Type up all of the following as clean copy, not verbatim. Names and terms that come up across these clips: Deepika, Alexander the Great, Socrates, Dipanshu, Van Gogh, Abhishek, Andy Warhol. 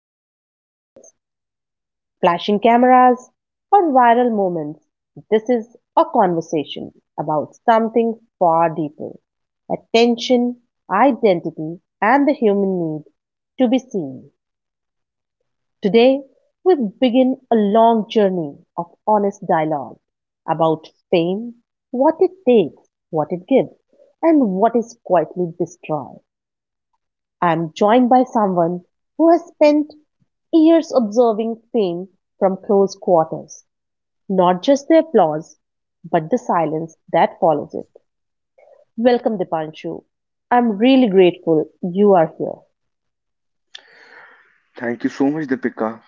about red carpets, flashing cameras, or viral moments. This is a conversation about something far deeper attention, identity, and the human need to be seen. Today, we begin a long journey of honest dialogue about fame, what it takes, what it gives, and what is quietly destroyed. I am joined by someone who has spent years observing fame from close quarters, not just the applause, but the silence that follows it. Welcome, Dipanshu. I'm really grateful you are here. Thank you so much, Deepika.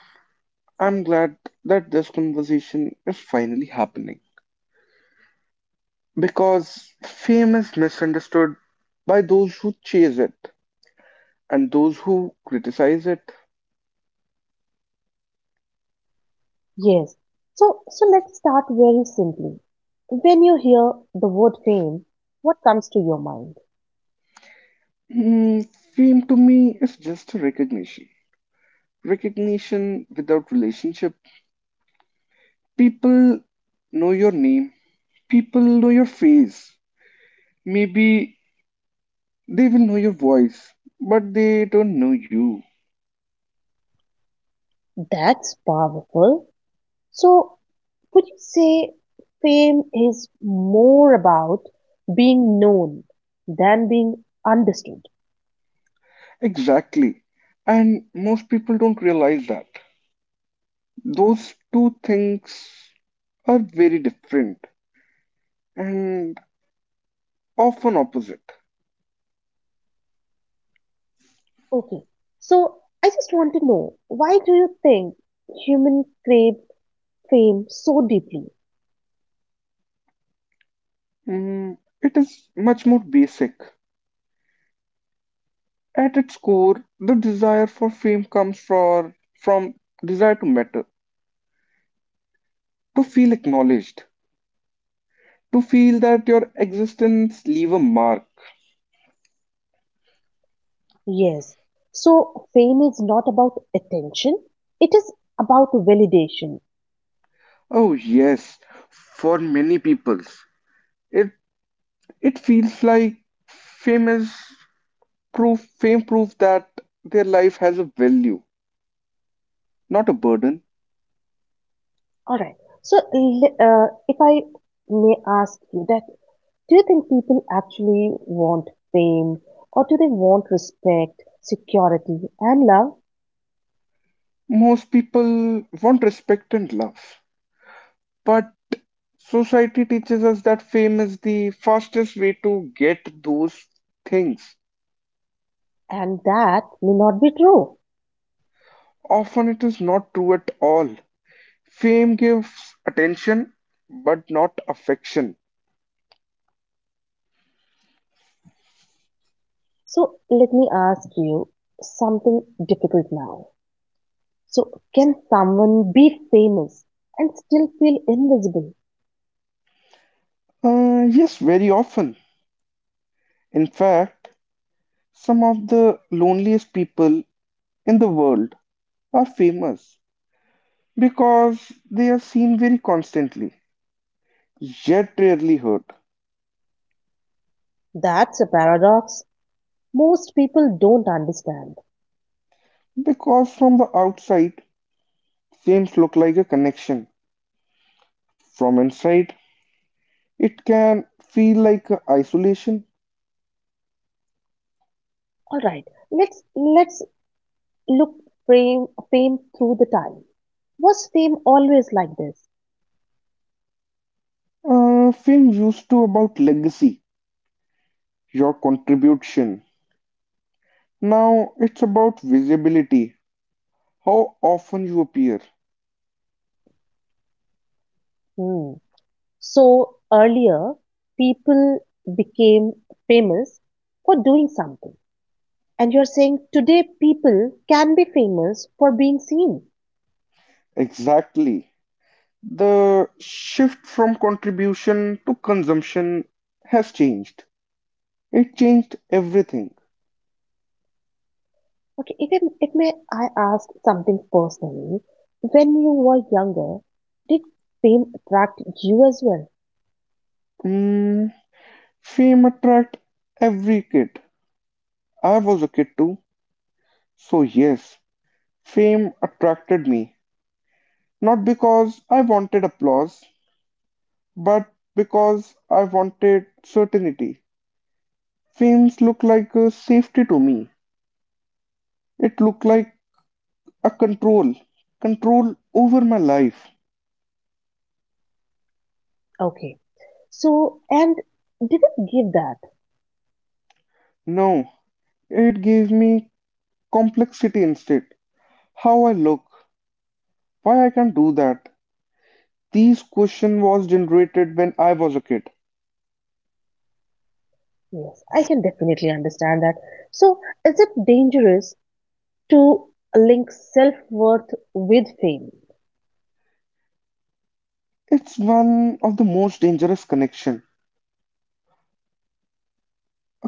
I'm glad that this conversation is finally happening because fame is misunderstood by those who chase it and those who criticize it. Yes. So let's start very simply. When you hear the word fame, what comes to your mind? Hmm, Fame to me is just a recognition. Recognition without relationship. People know your name, people know your face. Maybe they will know your voice, but they don't know you. That's powerful. So, would you say fame is more about being known than being understood? Exactly. And most people don't realize that. Those two things are very different and often opposite. Okay. So, I just want to know why do you think human crave fame so deeply? Mm, it is much more basic. At its core, the desire for fame from desire to matter, to feel acknowledged, to feel that your existence leaves a mark. Yes. So, fame is not about attention, it is about validation. Oh yes, for many people, it it feels like fame is proof that their life has a value, not a burden. All right. So, if I may ask you that, do you think people actually want fame or do they want respect, security, and love? Most people want respect and love, but society teaches us that fame is the fastest way to get those things. And that may not be true. Often it is not true at all. Fame gives attention, but not affection. So, let me ask you something difficult now. So, can someone be famous and still feel invisible? Yes, very often. In fact, some of the loneliest people in the world are famous because they are seen very constantly, yet rarely heard. That's a paradox most people don't understand. Because from the outside, seems look like a connection. From inside, it can feel like a isolation. All right. Let's look, fame through the time. Was fame always like this? Film used to about legacy, your contribution. Now it's about visibility, how often you appear. Hmm. So earlier, people became famous for doing something. And you're saying today people can be famous for being seen. Exactly. The shift from contribution to consumption has changed. It changed everything. Okay, if may I ask something personally, when you were younger, did fame attract you as well? Mm, Fame attract every kid. I was a kid too. So yes, fame attracted me, not because I wanted applause, but because I wanted certainty. Fame looked like a safety to me. It looked like a control over my life. Okay, so and did it give that? No, it gave me complexity instead. How I look, why I can do that. These question was generated when I was a kid. Yes, I can definitely understand that. So, is it dangerous to link self-worth with fame? It's one of the most dangerous connection.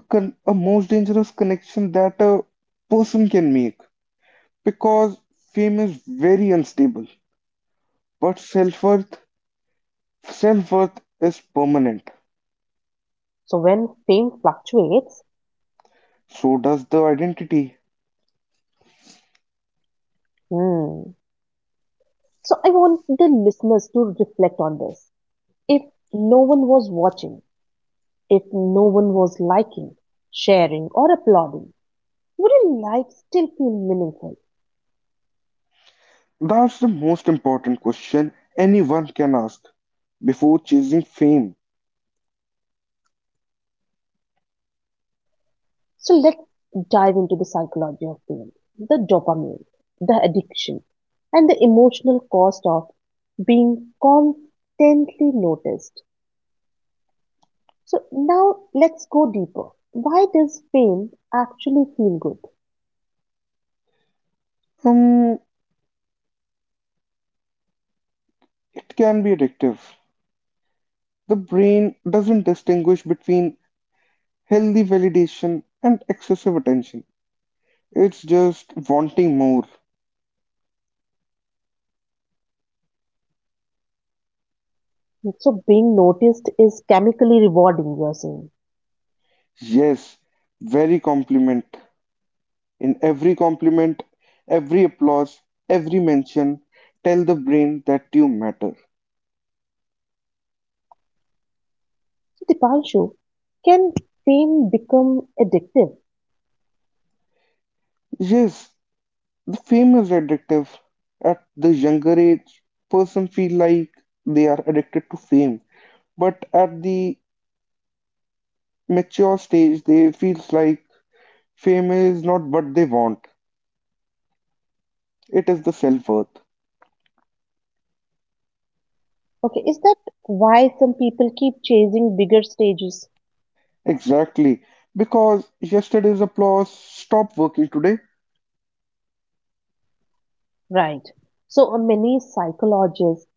A most dangerous connection that a person can make because fame is very unstable but self-worth is permanent So, when fame fluctuates, so does the identity. hmm. So, I want the listeners to reflect on this. If no one was watching, if no one was liking, sharing, or applauding, would your life still feel meaningful? That's the most important question anyone can ask before chasing fame. So let's dive into the psychology of pain, the dopamine, the addiction, and the emotional cost of being constantly noticed. So now let's go deeper. Why does pain actually feel good? um it can be addictive. The brain doesn't distinguish between healthy validation and excessive attention. It's just wanting more. So being noticed is chemically rewarding, you're saying. Yes, very compliment. In every compliment, every applause, every mention, tell the brain that you matter. So Dipanshu, can fame become addictive? Yes, the famous adjective. At the younger age, person feel like they are addicted to fame, but at the mature stage, they feels like fame is not what they want. It is the self-worth. Okay, is that why some people keep chasing bigger stages? Exactly, because yesterday's applause stopped working today. Right. So many psychologists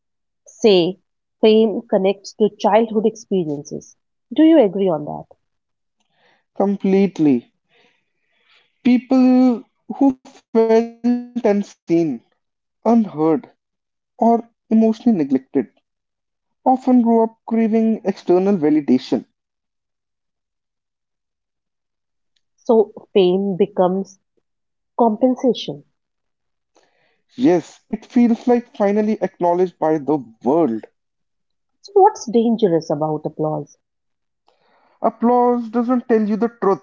say fame connects to childhood experiences. Do you agree on that? Completely. People who felt unseen, unheard, or emotionally neglected often grow up craving external validation. So fame becomes compensation. Yes, it feels like finally acknowledged by the world. So what's dangerous about applause? Applause doesn't tell you the truth.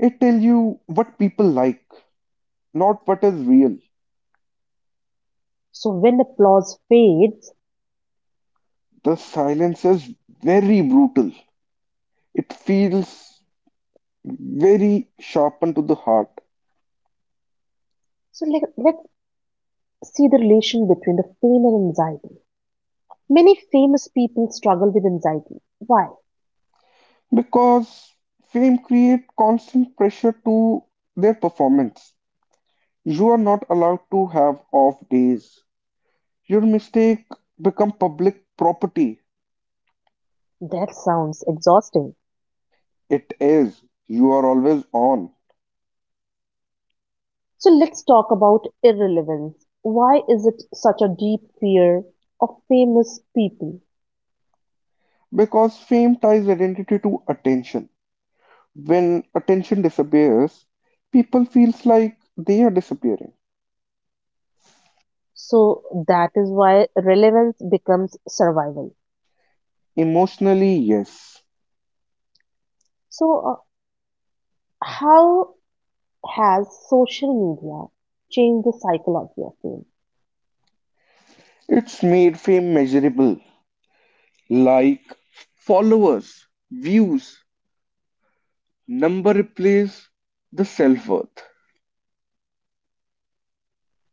It tells you what people like, not what is real. So when applause fades, The silence is very brutal. It feels very sharpened to the heart. so let's see the relation between the fame and anxiety. Many famous people struggle with anxiety. Why? Because fame creates constant pressure to their performance. You are not allowed to have off days. Your mistake become public property. That sounds exhausting. It is, you are always on. So let's talk about irrelevance. Why is it such a deep fear of famous people? Because fame ties identity to attention. When attention disappears, people feels like they are disappearing. So that is why relevance becomes survival. Emotionally yes. So, how has social media changed the psychology of fame? It's made fame measurable, like followers, views. Number replaces the self worth.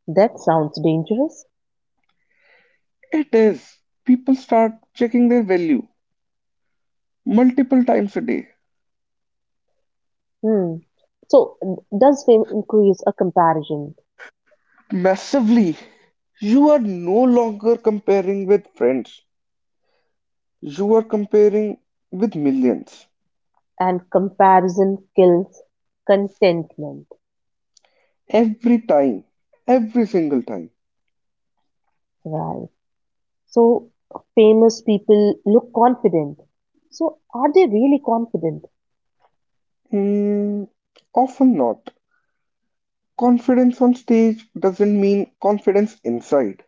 That sounds dangerous. It is. People start checking their value multiple times a day. Hmm. So, does fame increase a comparison? Massively. You are no longer comparing with friends. You are comparing with millions. And comparison kills contentment, Every time. Every single time. right? So, famous people look confident. So, are they really confident? Hmm, Often not. Confidence on stage doesn't mean confidence inside.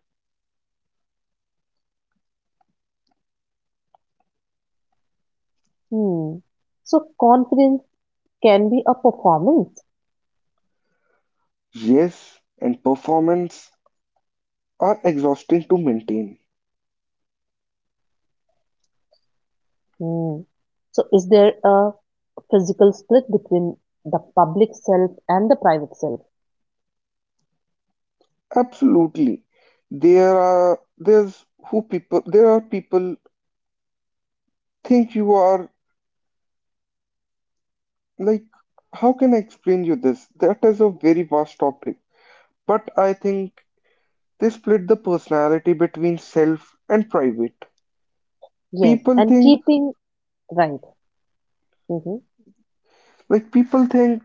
Hmm. So, confidence can be a performance. Yes, and performance are exhausting to maintain. Hmm. So is there a physical split between the public self and the private self? Absolutely. There are people think you are like, how can I explain you this? That is a very vast topic. But I think they split the personality between self and private. Yes, People and think, keeping right. Hmm. like, people think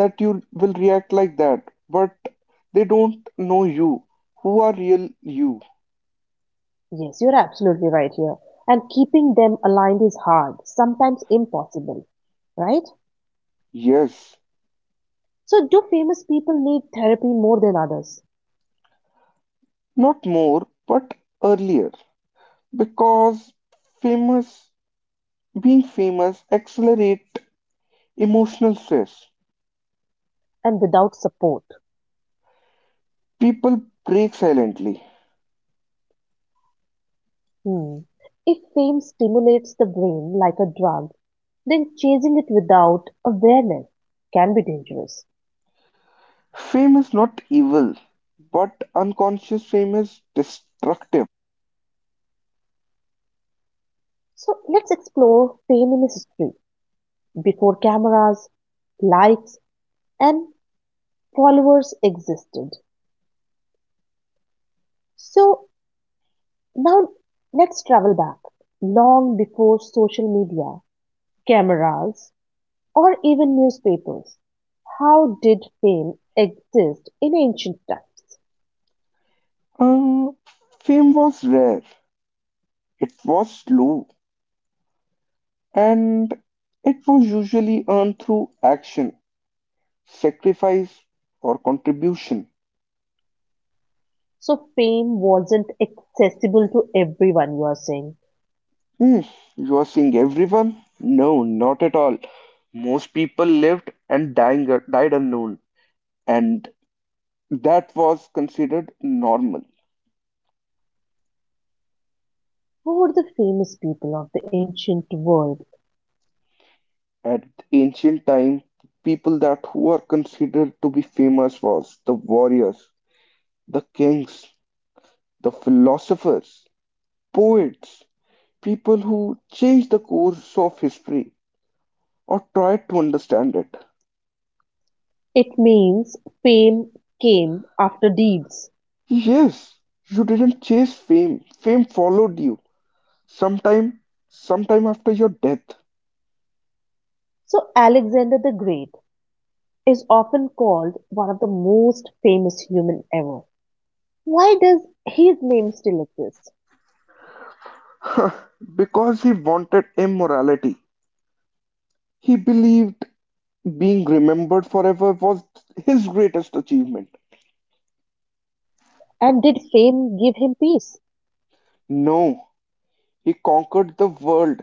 that you will react like that, but they don't know you. Who are real you? Yes, you're absolutely right here. And keeping them aligned is hard, sometimes impossible, right? Yes. So do famous people need therapy more than others Not more, but earlier. Because famous being famous accelerates emotional stress. and without support? People break silently. Hmm. If fame stimulates the brain like a drug, then chasing it without awareness can be dangerous. Fame is not evil, but unconscious fame is destructive. So let's explore fame in history. Before cameras, likes, and followers existed. So now let's travel back long before social media, cameras, or even newspapers. How did fame exist in ancient times? Uh, Fame was rare, it was slow, and it was usually earned through action, sacrifice, or contribution. So fame wasn't accessible to everyone, you are saying. Hmm, you are seeing everyone? No, not at all. Most people lived and dying, died unknown, and that was considered normal. Who were the famous people of the ancient world? At ancient time, people that who were considered to be famous was the warriors, the kings, the philosophers, poets, people who changed the course of history or tried to understand it. It means fame came after deeds. Yes, you didn't chase fame. Fame followed you, sometime sometime after your death. So Alexander the Great is often called one of the most famous human ever. Why does his name still exist? Because he wanted immorality. He believed being remembered forever was his greatest achievement. And did fame give him peace? No, he conquered the world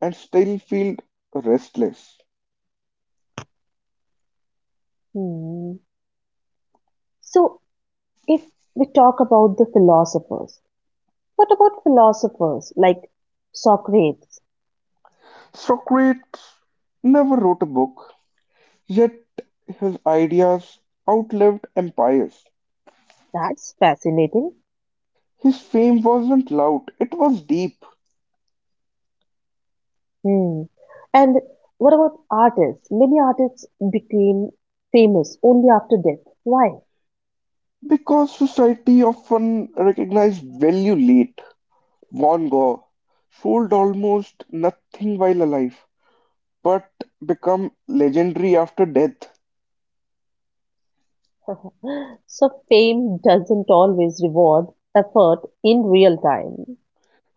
and still feels restless. Hmm. So, if we talk about the philosophers, what about philosophers like Socrates? Socrates never wrote a book, yet his ideas outlived empires. That's fascinating. His fame wasn't loud, it was deep. Hmm. And what about artists? Many artists became famous only after death. Why? Because society often recognized value late. Van Gogh sold almost nothing while alive, but become legendary after death. So, fame doesn't always reward effort in real time.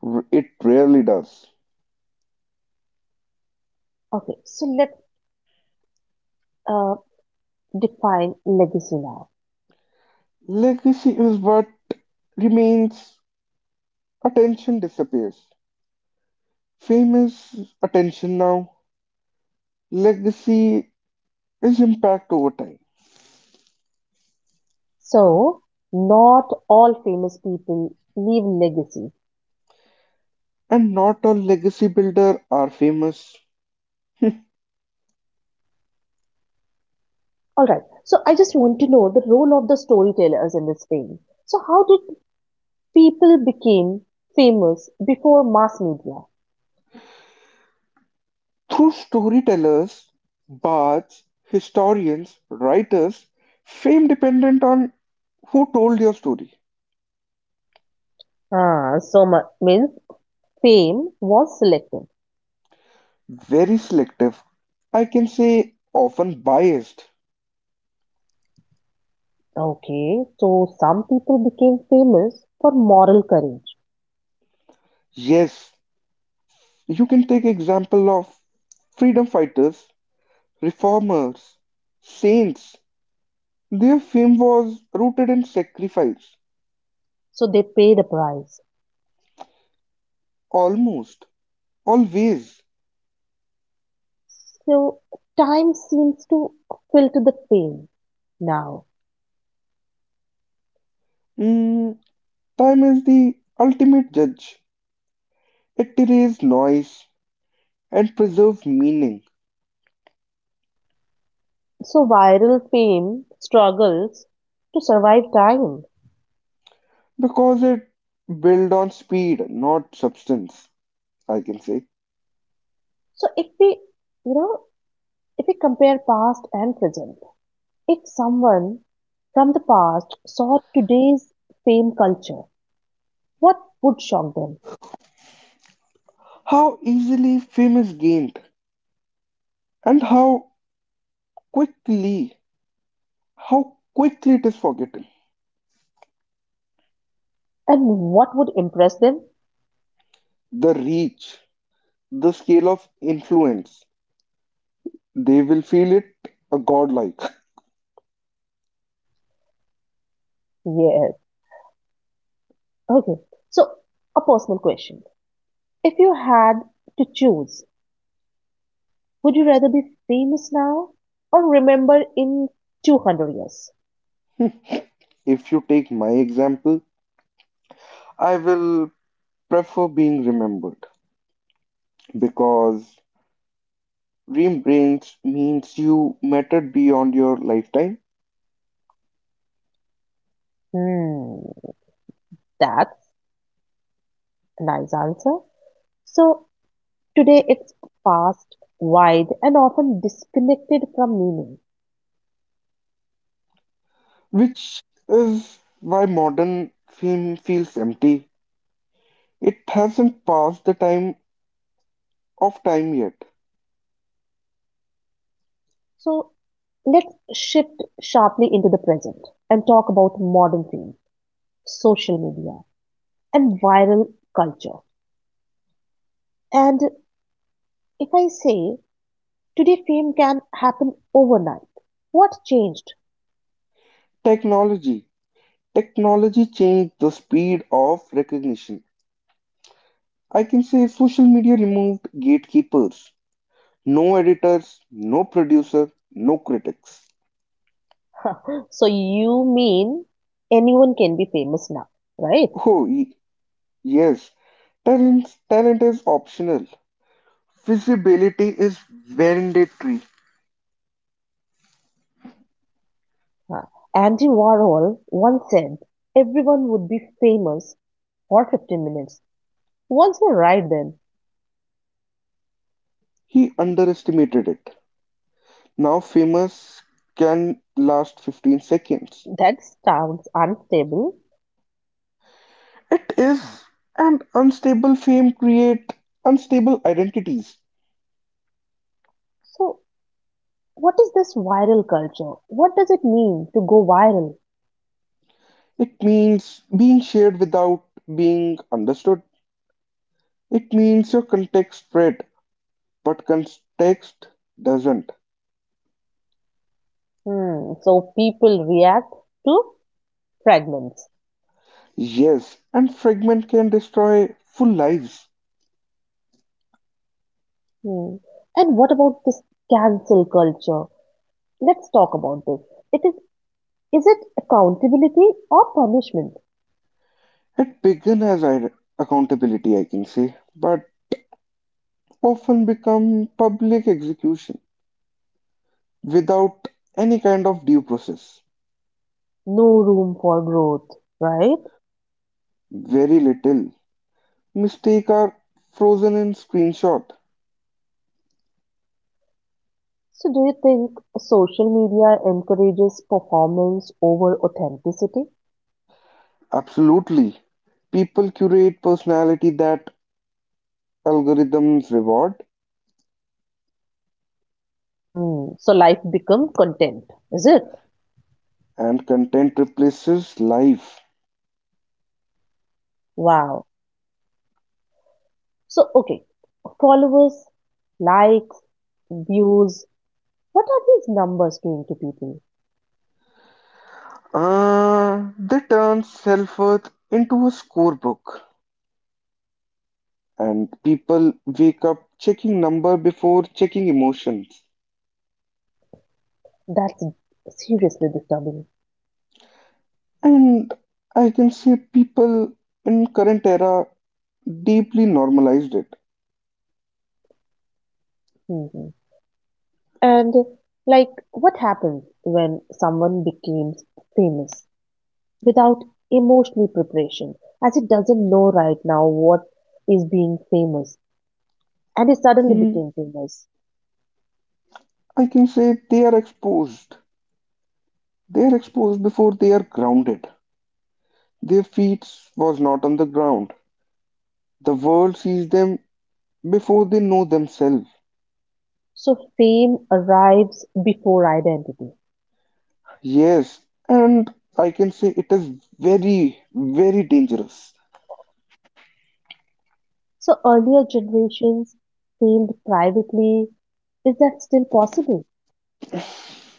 It rarely does. Okay, so let's uh, define legacy now. Legacy is what remains, attention disappears. Fame is attention now. Legacy is impact over time. So, not all famous people leave legacy. And not all legacy builders are famous. All right. So, I just want to know the role of the storytellers in this film. So, how did people became famous before mass media? Through storytellers, bards, historians, writers, fame dependent on who told your story. Ah, so means fame was selective. Very selective. I can say often biased. Okay, so some people became famous for moral courage. Yes, you can take example of freedom fighters, reformers, saints. Their fame was rooted in sacrifice, So, they paid a price. almost always. So, time seems to filter the fame now. Mm, Time is the ultimate judge. It erases noise and preserves meaning So viral fame struggles to survive time. because it built on speed, not substance, I can say. So you know, if we compare past and present, if someone from the past saw today's fame culture, what would shock them How easily fame is gained and quickly, how quickly it is forgotten. and what would impress them? The reach, the scale of influence. They will feel it a godlike. Yes. Okay. So a personal question. If you had to choose, would you rather be famous now or remembered in 200 years? If you take my example, I will prefer being remembered because remembrance means you mattered beyond your lifetime, Hmm, that's a nice answer. So today it's fast, wide, and often disconnected from meaning. which is why modern fame feels empty. It hasn't passed the time of time yet. So let's shift sharply into the present and talk about modern themes, social media, and viral culture. And if I say today fame can happen overnight, what changed? Technology. Technology changed the speed of recognition. I can say social media removed gatekeepers. No editors, no producer, no critics. So you mean anyone can be famous now, right? Oh, yes. Talent is optional. Visibility is mandatory. Huh. Andy Warhol once said everyone would be famous for 15 minutes. Once you're right, then He underestimated it. Now famous can last 15 seconds. that sounds unstable. It is. And unstable fame create unstable identities. So, what is this viral culture? What does it mean to go viral? It means being shared without being understood. It means your context spread, but context doesn't. Hmm. So people react to fragments. Yes, and fragment can destroy full lives. Hmm. And what about this cancel culture? Let's talk about this. It is it accountability or punishment? It began as accountability, I can say, but often become public execution without any kind of due process. No room for growth, right? Very little. Mistakes are frozen in screenshot. So do you think social media encourages performance over authenticity? Absolutely. People curate personality that algorithms reward Hmm. So life become content, is it? and content replaces life. Wow. So okay, followers, likes, views. What are these numbers doing to people? They turn self-worth into a scorebook. And people wake up checking number before checking emotions. That's seriously disturbing. And I can say people in current era deeply normalized it. Hmm. And like, what happens when someone becomes famous without emotional preparation, as it doesn't know right now what is being famous, and it suddenly Mm, became famous. I can say they are exposed. They are exposed before they are grounded. Their feet was not on the ground. The world sees them before they know themselves. So fame arrives before identity. Yes, and I can say it is very, very dangerous. So earlier generations failed privately. Is that still possible?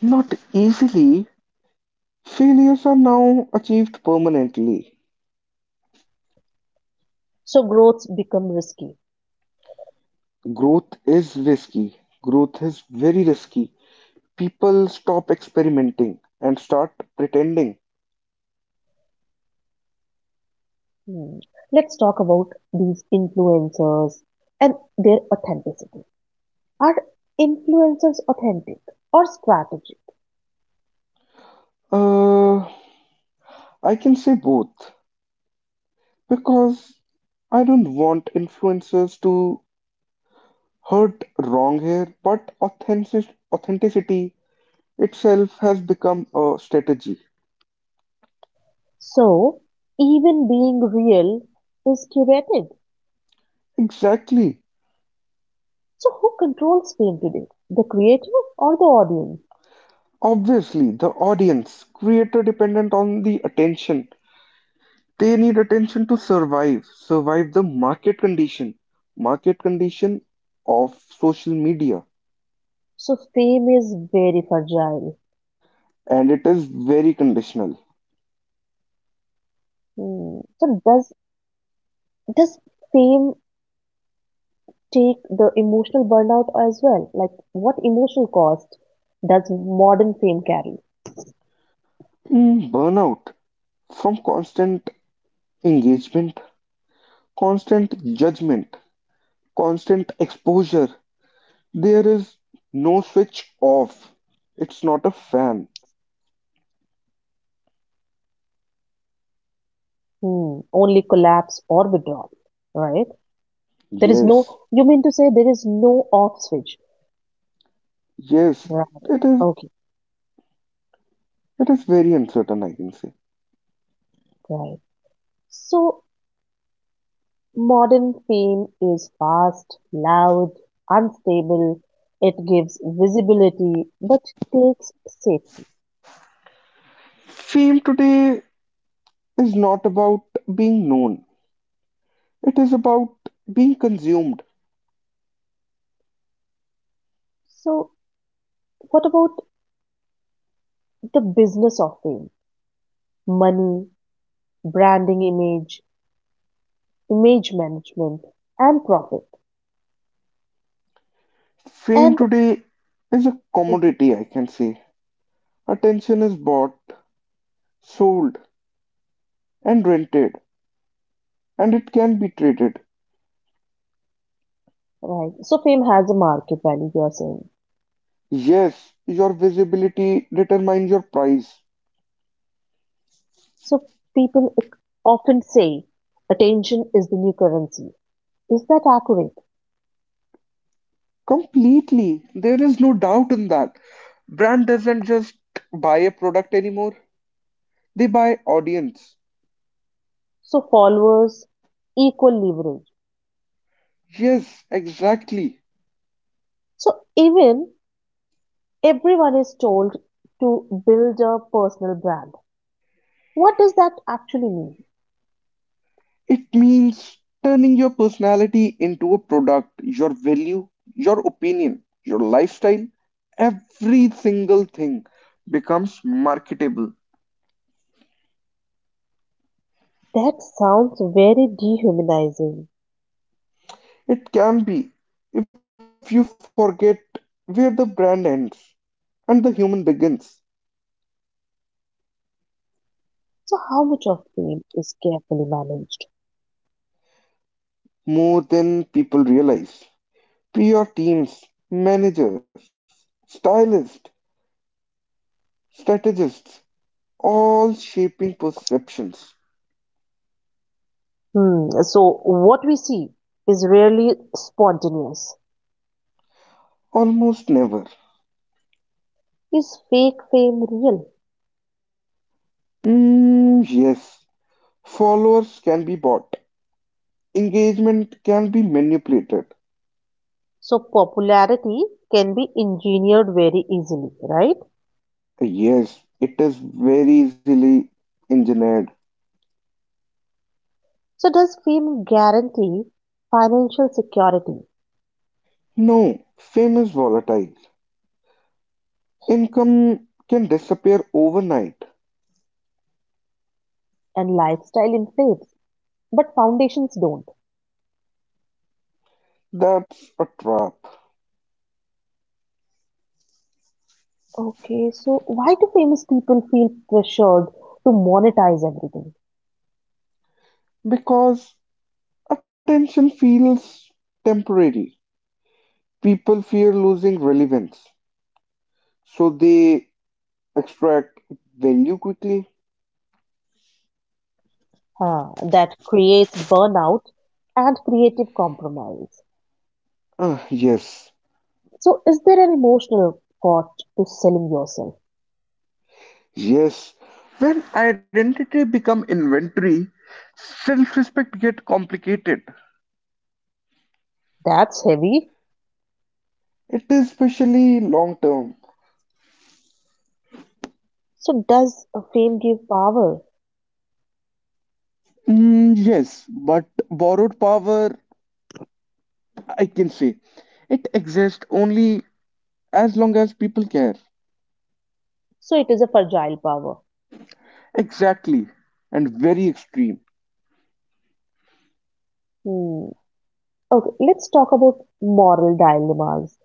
Not easily. Failures are now achieved permanently. So growths become risky. Growth is risky. Growth is very risky. People stop experimenting and start pretending. Hmm. Let's talk about these influencers and their authenticity. Are influencers authentic or strategic? Uh, I can say both because I don't want influencers to hurt wrong here, but authenticity itself has become a strategy. So even being real is curated. Exactly. So who controls fame today? The creator or the audience? Obviously, the audience, creator dependent on the attention. They need attention to survive the market condition of social media, So fame is very fragile. and it is very conditional. Hmm. So does fame take the emotional burnout as well? Like, what emotional cost does modern fame carry? Burnout from constant engagement, constant judgment, constant exposure. There is no switch off. It's not a fan. Hmm, only collapse or withdrawal, right? There is no, Yes, you mean to say there is no off switch, yes, right? it is. Okay, It is very uncertain, I can say. right. So, modern fame is fast, loud, unstable, it gives visibility but takes safety. Fame today is not about being known. It is about being consumed. So, what about the business of fame? Money, branding image, image management and profit Fame and today is a commodity, I can say. Attention is bought, sold, and rented, and it can be traded. right so fame has a market value you are saying. Yes, your visibility determines your price. So people often say attention is the new currency, is that accurate? Completely. There is no doubt in that. Brand doesn't just buy a product anymore, they buy audience. So followers equal leverage. Yes, exactly. So even everyone is told to build a personal brand, what does that actually mean? It means turning your personality into a product, your value, your opinion, your lifestyle, every single thing becomes marketable. That sounds very dehumanizing. It can be if you forget where the brand ends and the human begins So how much of fame is carefully managed? more than people realize. PR teams, managers, stylists, strategists, all shaping perceptions. Hmm. So what we see is rarely spontaneous. Almost never. Is fake fame real? Yes, followers can be bought, engagement can be manipulated. So popularity can be engineered very easily, right? Yes, it is very easily engineered. So does fame guarantee financial security No, fame is volatile. Income can disappear overnight. and lifestyle inflates, but foundations don't? That's a trap Okay, so why do famous people feel pressured to monetize everything? because attention feels temporary. People fear losing relevance, so they extract value quickly. Huh, that creates burnout and creative compromise. Ah, yes. So, is there an emotional cost to selling yourself? Yes, when identity become inventory, self-respect get complicated. That's heavy. It is especially long term. So, does fame give power? Yes, but borrowed power, I can say, it exists only as long as people care. So, it is a fragile power. Exactly, and very extreme. Hmm. Okay, let's talk about moral dilemmas.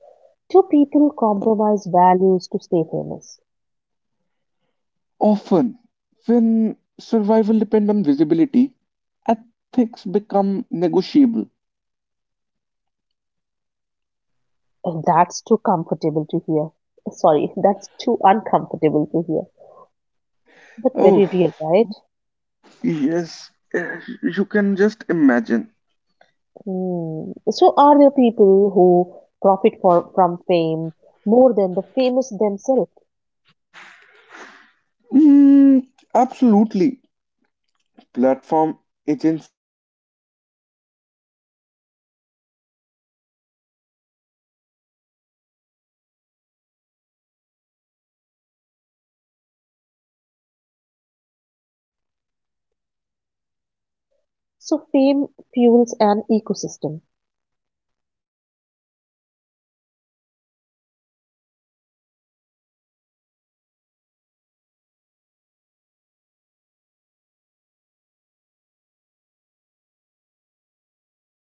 Do people compromise values to stay famous? Often, when survival depend on visibility, ethics become negotiable. Oh, that's too comfortable to hear. Sorry, that's too uncomfortable to hear, but Oh, very real, right? yes, you can just imagine. Hmm. So, are there people who from fame more than the famous themselves? 嗯，So fame fuels an ecosystem.